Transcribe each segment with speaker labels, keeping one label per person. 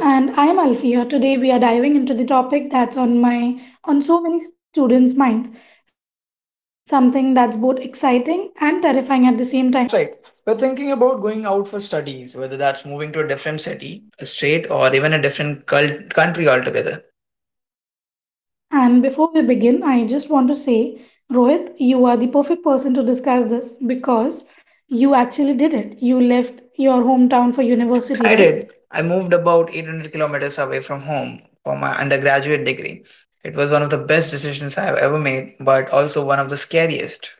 Speaker 1: And I am Alfia. Today we are diving into the topic that's on so many students' minds, something that's both exciting and terrifying at the same time.
Speaker 2: That's right. We're thinking about going out for studies, whether that's moving to a different city, a state, or even a different country altogether.
Speaker 1: And before we begin, I just want to say, Rohit, you are the perfect person to discuss this because you actually did it. You left your hometown for university,
Speaker 2: I
Speaker 1: right?
Speaker 2: did. I moved about 800 kilometers away from home for my undergraduate degree. It was one of the best decisions I have ever made, but also one of the scariest.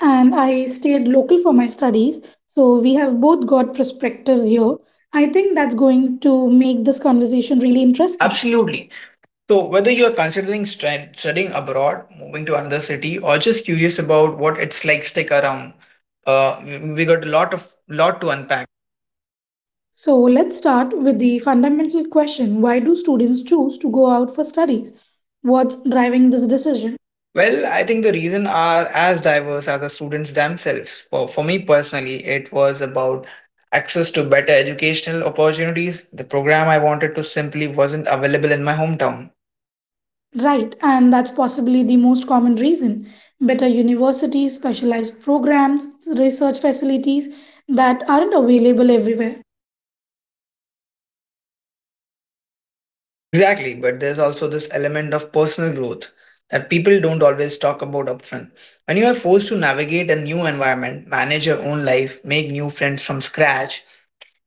Speaker 1: And I stayed local for my studies, so we have both got perspectives here. I think that's going to make this conversation really interesting.
Speaker 2: Absolutely. So, whether you are considering studying abroad, moving to another city, or just curious about what it's like, stick around. We got a lot of lot to unpack.
Speaker 1: So let's start with the fundamental question: why do students choose to go out for studies? What's driving this decision?
Speaker 2: Well, I think the reason are as diverse as the students themselves. For me personally, it was about access to better educational opportunities. The program I wanted to simply wasn't available in my hometown.
Speaker 1: Right, and that's possibly the most common reason. Better universities, specialized programs, research facilities that aren't available everywhere.
Speaker 2: Exactly, but there's also this element of personal growth that people don't always talk about upfront. When you are forced to navigate a new environment, manage your own life, make new friends from scratch,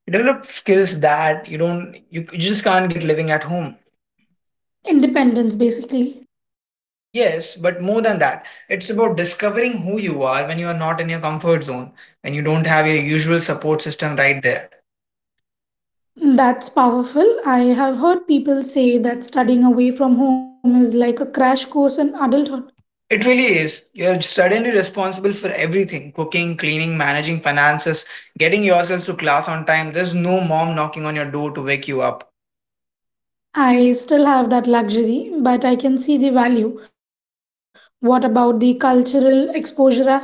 Speaker 2: you develop skills that you don't you, you just can't get living at home.
Speaker 1: Independence, basically.
Speaker 2: Yes, but more than that, it's about discovering who you are when you are not in your comfort zone, when you don't have your usual support system right there.
Speaker 1: That's powerful. I have heard people say that studying away from home is like a crash course in adulthood.
Speaker 2: It really is. You're suddenly responsible for everything cooking, cleaning, managing finances, getting yourself to class on time. There's no mom knocking on your door to wake you up.
Speaker 1: I still have that luxury, but I can see the value. What about the cultural exposure aspect?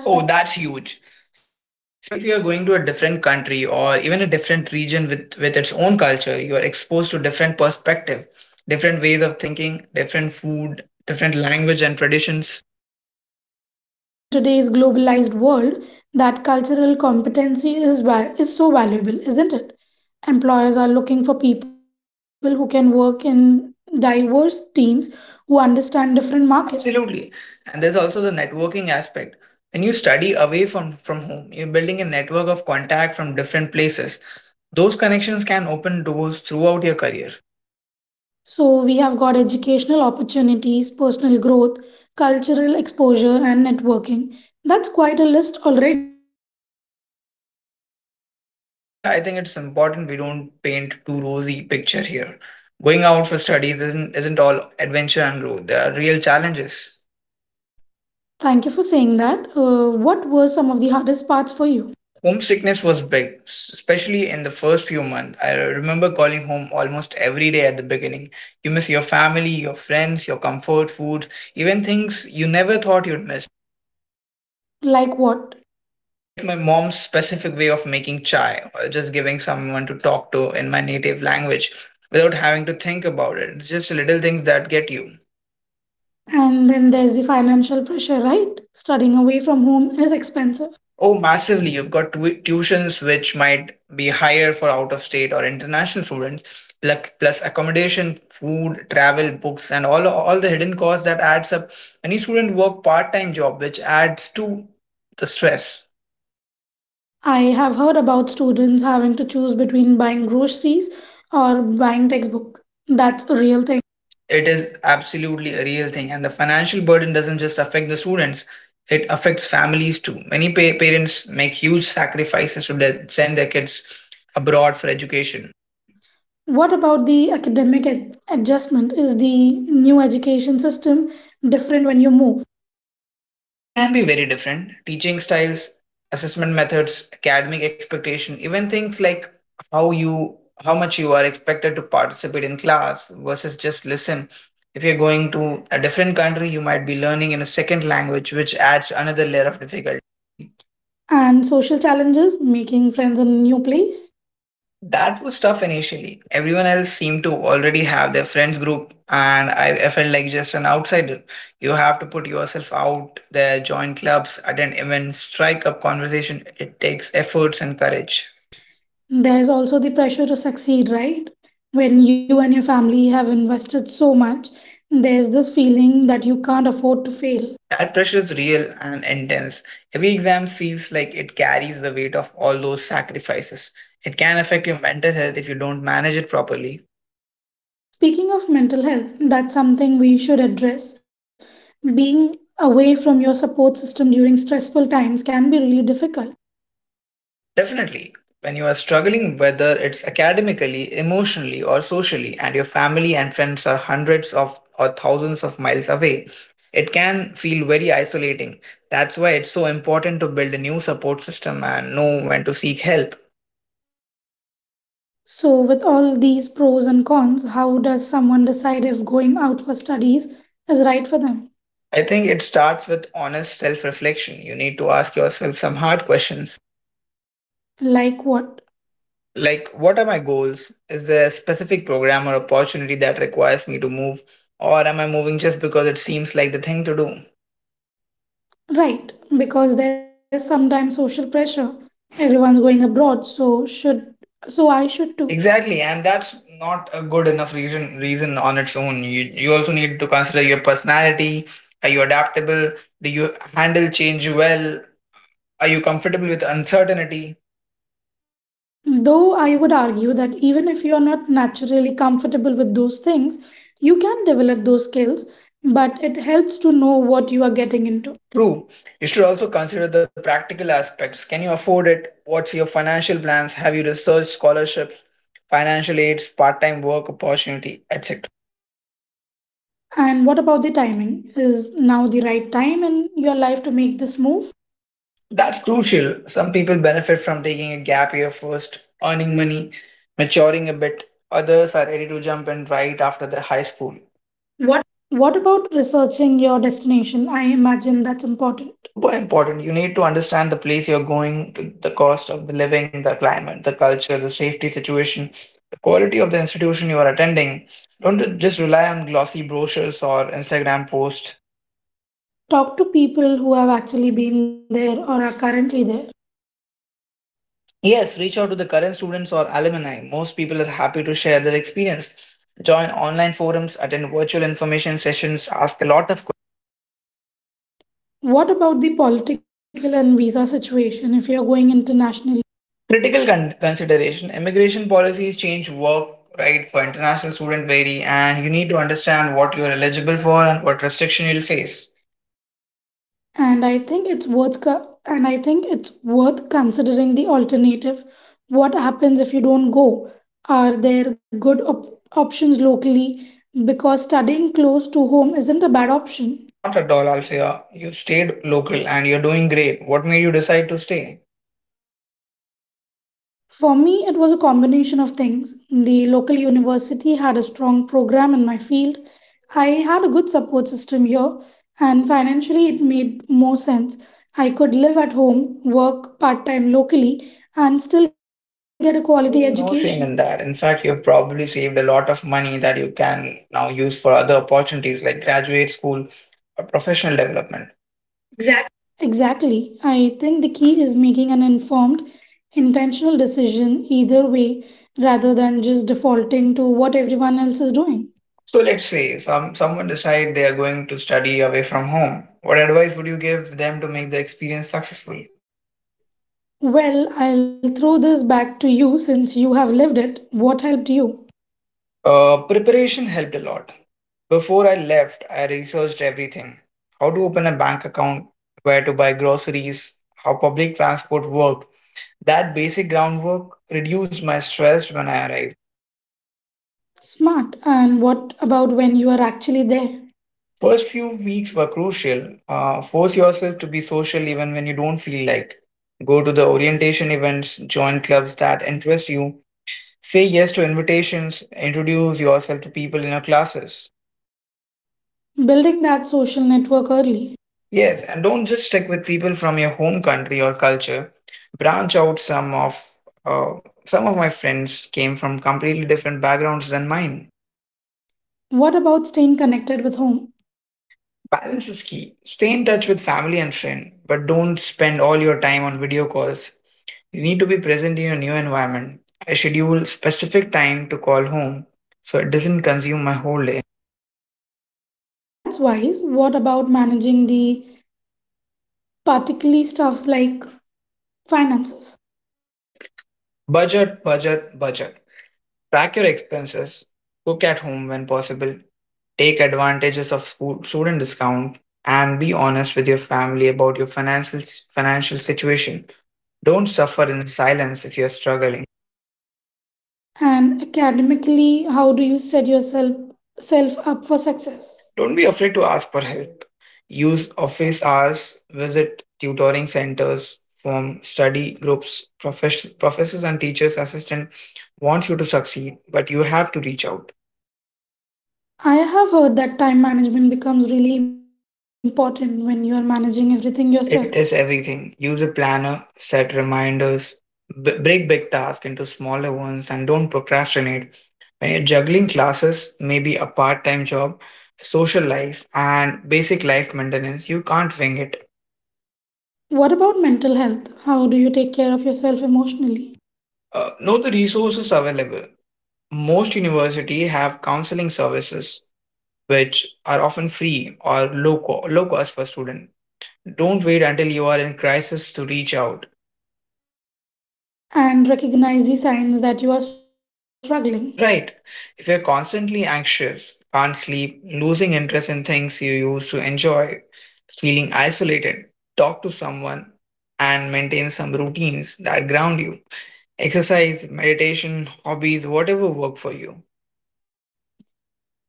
Speaker 2: Oh, that's huge. Especially if you're going to a different country or even a different region with its own culture, you are exposed to different perspective, different ways of thinking, different food, different language and traditions.
Speaker 1: And in today's globalized world, that cultural competency is is so valuable, isn't it? Employers are looking for people who can work in diverse teams who understand different markets.
Speaker 2: Absolutely. And there's also the networking aspect. When you study away from home, you're building a network of contact from different places. Those connections can open doors throughout your career.
Speaker 1: So we have got educational opportunities, personal growth, cultural exposure and networking. That's quite a list already and we are just getting started.
Speaker 2: But Alfia, I think it's important we don't paint too rosy picture here. Going out for studies isn't all adventure and growth. There are real challenges.
Speaker 1: Thank you for saying that. What were some of the hardest parts for you?
Speaker 2: Homesickness was big, especially in the first few months. I remember calling home almost every day at the beginning. You miss your family, your friends, your comfort foods, even things you never thought you'd miss.
Speaker 1: Like what?
Speaker 2: Like my mom's specific way of making chai or just giving someone to talk to in my native language without having to think about it. It's just little things that get you.
Speaker 1: And then there's the financial pressure, right? Studying away from home is expensive.
Speaker 2: Oh, massively. You've got tuitions which might be higher for out of state or international students, plus accommodation, food, travel, books, and all the hidden costs that adds up. Any student work part-time job which adds to the stress.
Speaker 1: I have heard about students having to choose between buying groceries or buying textbooks. That's a real thing.
Speaker 2: It is absolutely a real thing, and the financial burden doesn't just affect the students, it affects families too. Many parents make huge sacrifices to send their kids abroad for education.
Speaker 1: What about the academic adjustment? Is the new education system different when you move?
Speaker 2: It can be very different. Teaching styles, assessment methods, academic expectation, even things like how you how much you are expected to participate in class versus just listen. If you're going to a different country, you might be learning in a second language, which adds another layer of difficulty.
Speaker 1: And social challenges, making friends in a new place?
Speaker 2: That was tough initially. Everyone else seemed to already have their friends group, and I felt like just an outsider. You have to put yourself out there, join clubs, attend events, strike up conversation. It takes efforts and courage.
Speaker 1: There's also the pressure to succeed, right? When you and your family have invested so much, there's this feeling that you can't afford to fail.
Speaker 2: That pressure is real and intense. Every exam feels like it carries the weight of all those sacrifices. It can affect your mental health if you don't manage it properly.
Speaker 1: Speaking of mental health, that's something we should address. Being away from your support system during stressful times can be really difficult.
Speaker 2: Definitely, when you are struggling, whether it's academically, emotionally, or socially, and your family and friends are hundreds of or thousands of miles away, it can feel very isolating. That's why it's so important to build a new support system and know when to seek help.
Speaker 1: So, with all these pros and cons, how does someone decide if going out for studies is right for them?
Speaker 2: I think it starts with honest self reflection. You need to ask yourself some hard questions
Speaker 1: Like what?
Speaker 2: like, what are my goals? Is there a specific program or opportunity that requires me to move? Or am I moving just because it seems like the thing to do?
Speaker 1: Right, because there's sometimes social pressure. Everyone's going abroad, so I should too.
Speaker 2: Exactly, and that's not a good enough reason on its own. You also need to consider your personality. Are you adaptable? Do you handle change well? Are you comfortable with uncertainty?
Speaker 1: Though I would argue that even if you are not naturally comfortable with those things, you can develop those skills, but it helps to know what you are getting into.
Speaker 2: True. You should also consider the practical aspects. Can you afford it? What's your financial plans? Have you researched scholarships, financial aids, part-time work opportunity, etc.?
Speaker 1: And what about the timing? Is now the right time in your life to make this move?
Speaker 2: That's crucial. Some people benefit from taking a gap year first, earning money, maturing a bit. Others are ready to jump in right after the high school.
Speaker 1: What about researching your destination? I imagine that's important.
Speaker 2: Super important. You need to understand the place you're going, to, the cost of the living, the climate, the culture, the safety situation, the quality of the institution you are attending. Don't just rely on glossy brochures or Instagram posts.
Speaker 1: Talk to people who have actually been there or are currently there.
Speaker 2: Yes, reach out to the current students or alumni. Most people are happy to share their experience. Join online forums, attend virtual information sessions, ask a lot of
Speaker 1: What about the political and visa situation if you're going internationally?
Speaker 2: critical consideration. Immigration policies change, work right for international student vary, and you need to understand what you're eligible for and what restriction you'll face.
Speaker 1: And I think it's worth co- and I think it's worth considering the alternative. What happens if you don't go? Are there good options locally? Because studying close to home isn't a bad option.
Speaker 2: Not at all, Alfia. You stayed local and you're doing great. What made you decide to stay?
Speaker 1: For me, it was a combination of things. The local university had a strong program in my field. I had a good support system here, and financially, it made more sense. I could live at home, work part time locally, and still get a quality education.
Speaker 2: There's no shame in that. In fact, you've probably saved a lot of money that you can now use for other opportunities like graduate school or professional development. Exactly.
Speaker 1: Exactly. I think the key is making an informed, intentional decision either way rather than just defaulting to what everyone else is doing.
Speaker 2: So let's say someone decide they are going to study away from home. What advice would you give them to make the experience successful?
Speaker 1: Well, I'll throw this back to you since you have lived it. What helped you?
Speaker 2: Preparation helped a lot. Before I left, I researched everything: how to open a bank account, where to buy groceries, how public transport worked. That basic groundwork reduced my stress when I arrived.
Speaker 1: Smart. And what about when you are actually there?
Speaker 2: First few weeks were crucial. Force yourself to be social even when you don't feel like. Go to the orientation events, join clubs that interest you, say yes to invitations, introduce yourself to people in your classes.
Speaker 1: Building that social network early.
Speaker 2: Yes, and don't just stick with people from your home country or culture. Branch out. Some of my friends came from completely different backgrounds than mine.
Speaker 1: What about staying connected with home?
Speaker 2: Balance is key. Stay in touch with family and friend, but don't spend all your time on video calls. You need to be present in your new environment. I schedule specific time to call home so it doesn't consume my whole day.
Speaker 1: That's wise. What about managing the particularly stuffs like finances?
Speaker 2: Budget, budget, budget. Track your expenses. Cook at home when possible. Take advantages of school student discount and be honest with your family about your financial situation. Don't suffer in silence if you're struggling.
Speaker 1: And academically, how do you set yourself self up for success?
Speaker 2: Don't be afraid to ask for help. Use office hours, visit tutoring centers, form study groups. Professors and teachers assistant wants you to succeed, but you have to reach out.
Speaker 1: I have heard that time management becomes really important when you are managing everything yourself.
Speaker 2: It is everything. Use a planner, set reminders, break big tasks into smaller ones, and don't procrastinate. When you're juggling classes, maybe a part time job, social life, and basic life maintenance, you can't wing it.
Speaker 1: What about mental health? How do you take care of yourself emotionally
Speaker 2: Know the resources available. Most universities have counseling services, which are often free or low cost for students. Don't wait until you are in crisis to reach out.
Speaker 1: and recognize the signs that you are struggling?
Speaker 2: Right. If you're constantly anxious, can't sleep, losing interest in things you used to enjoy, feeling isolated, talk to someone and maintain some routines that ground you. Exercise, meditation, hobbies, whatever work for you.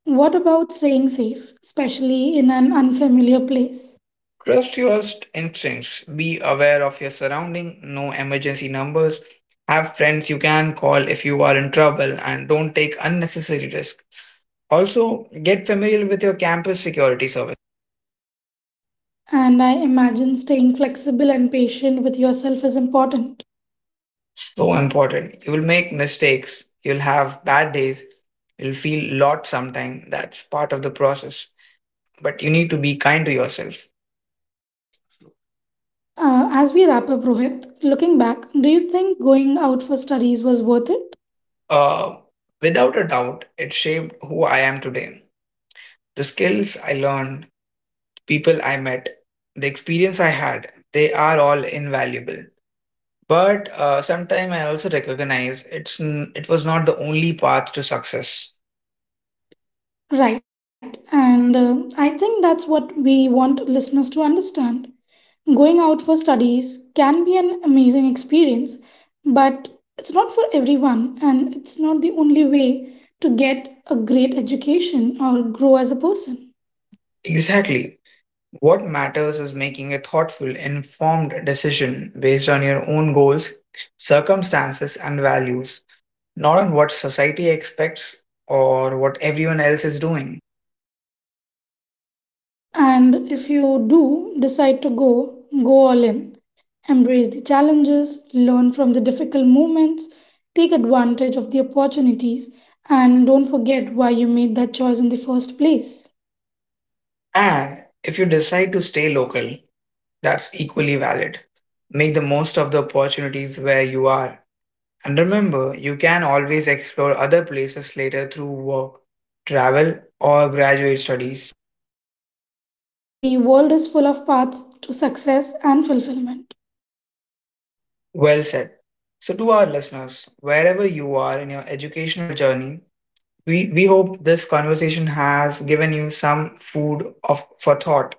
Speaker 1: What about staying safe, especially in an unfamiliar place?
Speaker 2: Trust your instincts. Be aware of your surrounding. Know emergency numbers. Have friends you can call if you are in trouble and don't take unnecessary risk. Also, get familiar with your campus security service.
Speaker 1: And I imagine staying flexible and patient with yourself is important.
Speaker 2: So important. You will make mistakes. You'll have bad days. You'll feel lot sometime. That's part of the process. But you need to be kind to yourself.
Speaker 1: As we wrap up, Rohit, looking back, do you think going out for studies was worth it?
Speaker 2: Uh, without a doubt, it shaped who I am today. The skills I learned, people I met, the experience I had, they are all invaluable. But sometime I also recognize it was not the only path to success.
Speaker 1: Right, and I think that's what we want listeners to understand. Going out for studies can be an amazing experience, but it's not for everyone, and it's not the only way to get a great education or grow as a person.
Speaker 2: Exactly. What matters is making a thoughtful, informed decision based on your own goals, circumstances, and values, not on what society expects or what everyone else is doing.
Speaker 1: And if you do decide to go, go all in. Embrace the challenges, learn from the difficult moments, take advantage of the opportunities, and don't forget why you made that choice in the first place.
Speaker 2: And if you decide to stay local, that's equally valid. Make the most of the opportunities where you are. And remember, you can always explore other places later through work, travel, or graduate studies.
Speaker 1: The world is full of paths to success and fulfillment.
Speaker 2: Well said. So, to our listeners, wherever you are in your educational journey, we hope this conversation has given you some food for thought.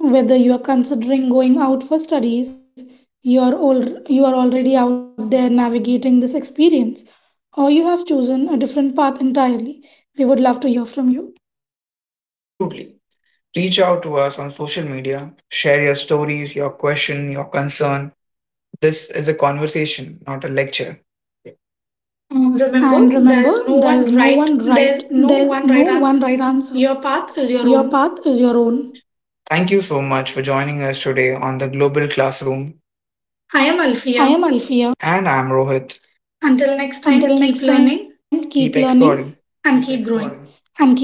Speaker 1: Whether you are considering going out for studies, you are old, you are already out there navigating this experience, or you have chosen a different path entirely. We would love to hear from you.
Speaker 2: Absolutely. Reach out to us on social media, share your stories, your question, your concern. This is a conversation, not a lecture. Remember,
Speaker 1: And remember, there is no one
Speaker 2: there
Speaker 1: right,
Speaker 2: is no
Speaker 1: there is
Speaker 2: one
Speaker 1: no
Speaker 2: right
Speaker 1: one
Speaker 2: answer.
Speaker 1: right answer.
Speaker 2: Your path is
Speaker 1: Your
Speaker 2: your
Speaker 1: path
Speaker 2: own.
Speaker 1: is your own.
Speaker 2: Thank you so much for joining us today on the Global Classroom. I am
Speaker 1: I am
Speaker 2: Alfia.
Speaker 1: Alfia.
Speaker 2: And I'm Rohit. Until next
Speaker 1: Until
Speaker 2: time,
Speaker 1: next
Speaker 2: keep
Speaker 1: time,
Speaker 2: learning.
Speaker 1: keep learning
Speaker 2: Keep exploring. And keep
Speaker 1: and
Speaker 2: growing.
Speaker 1: keep growing.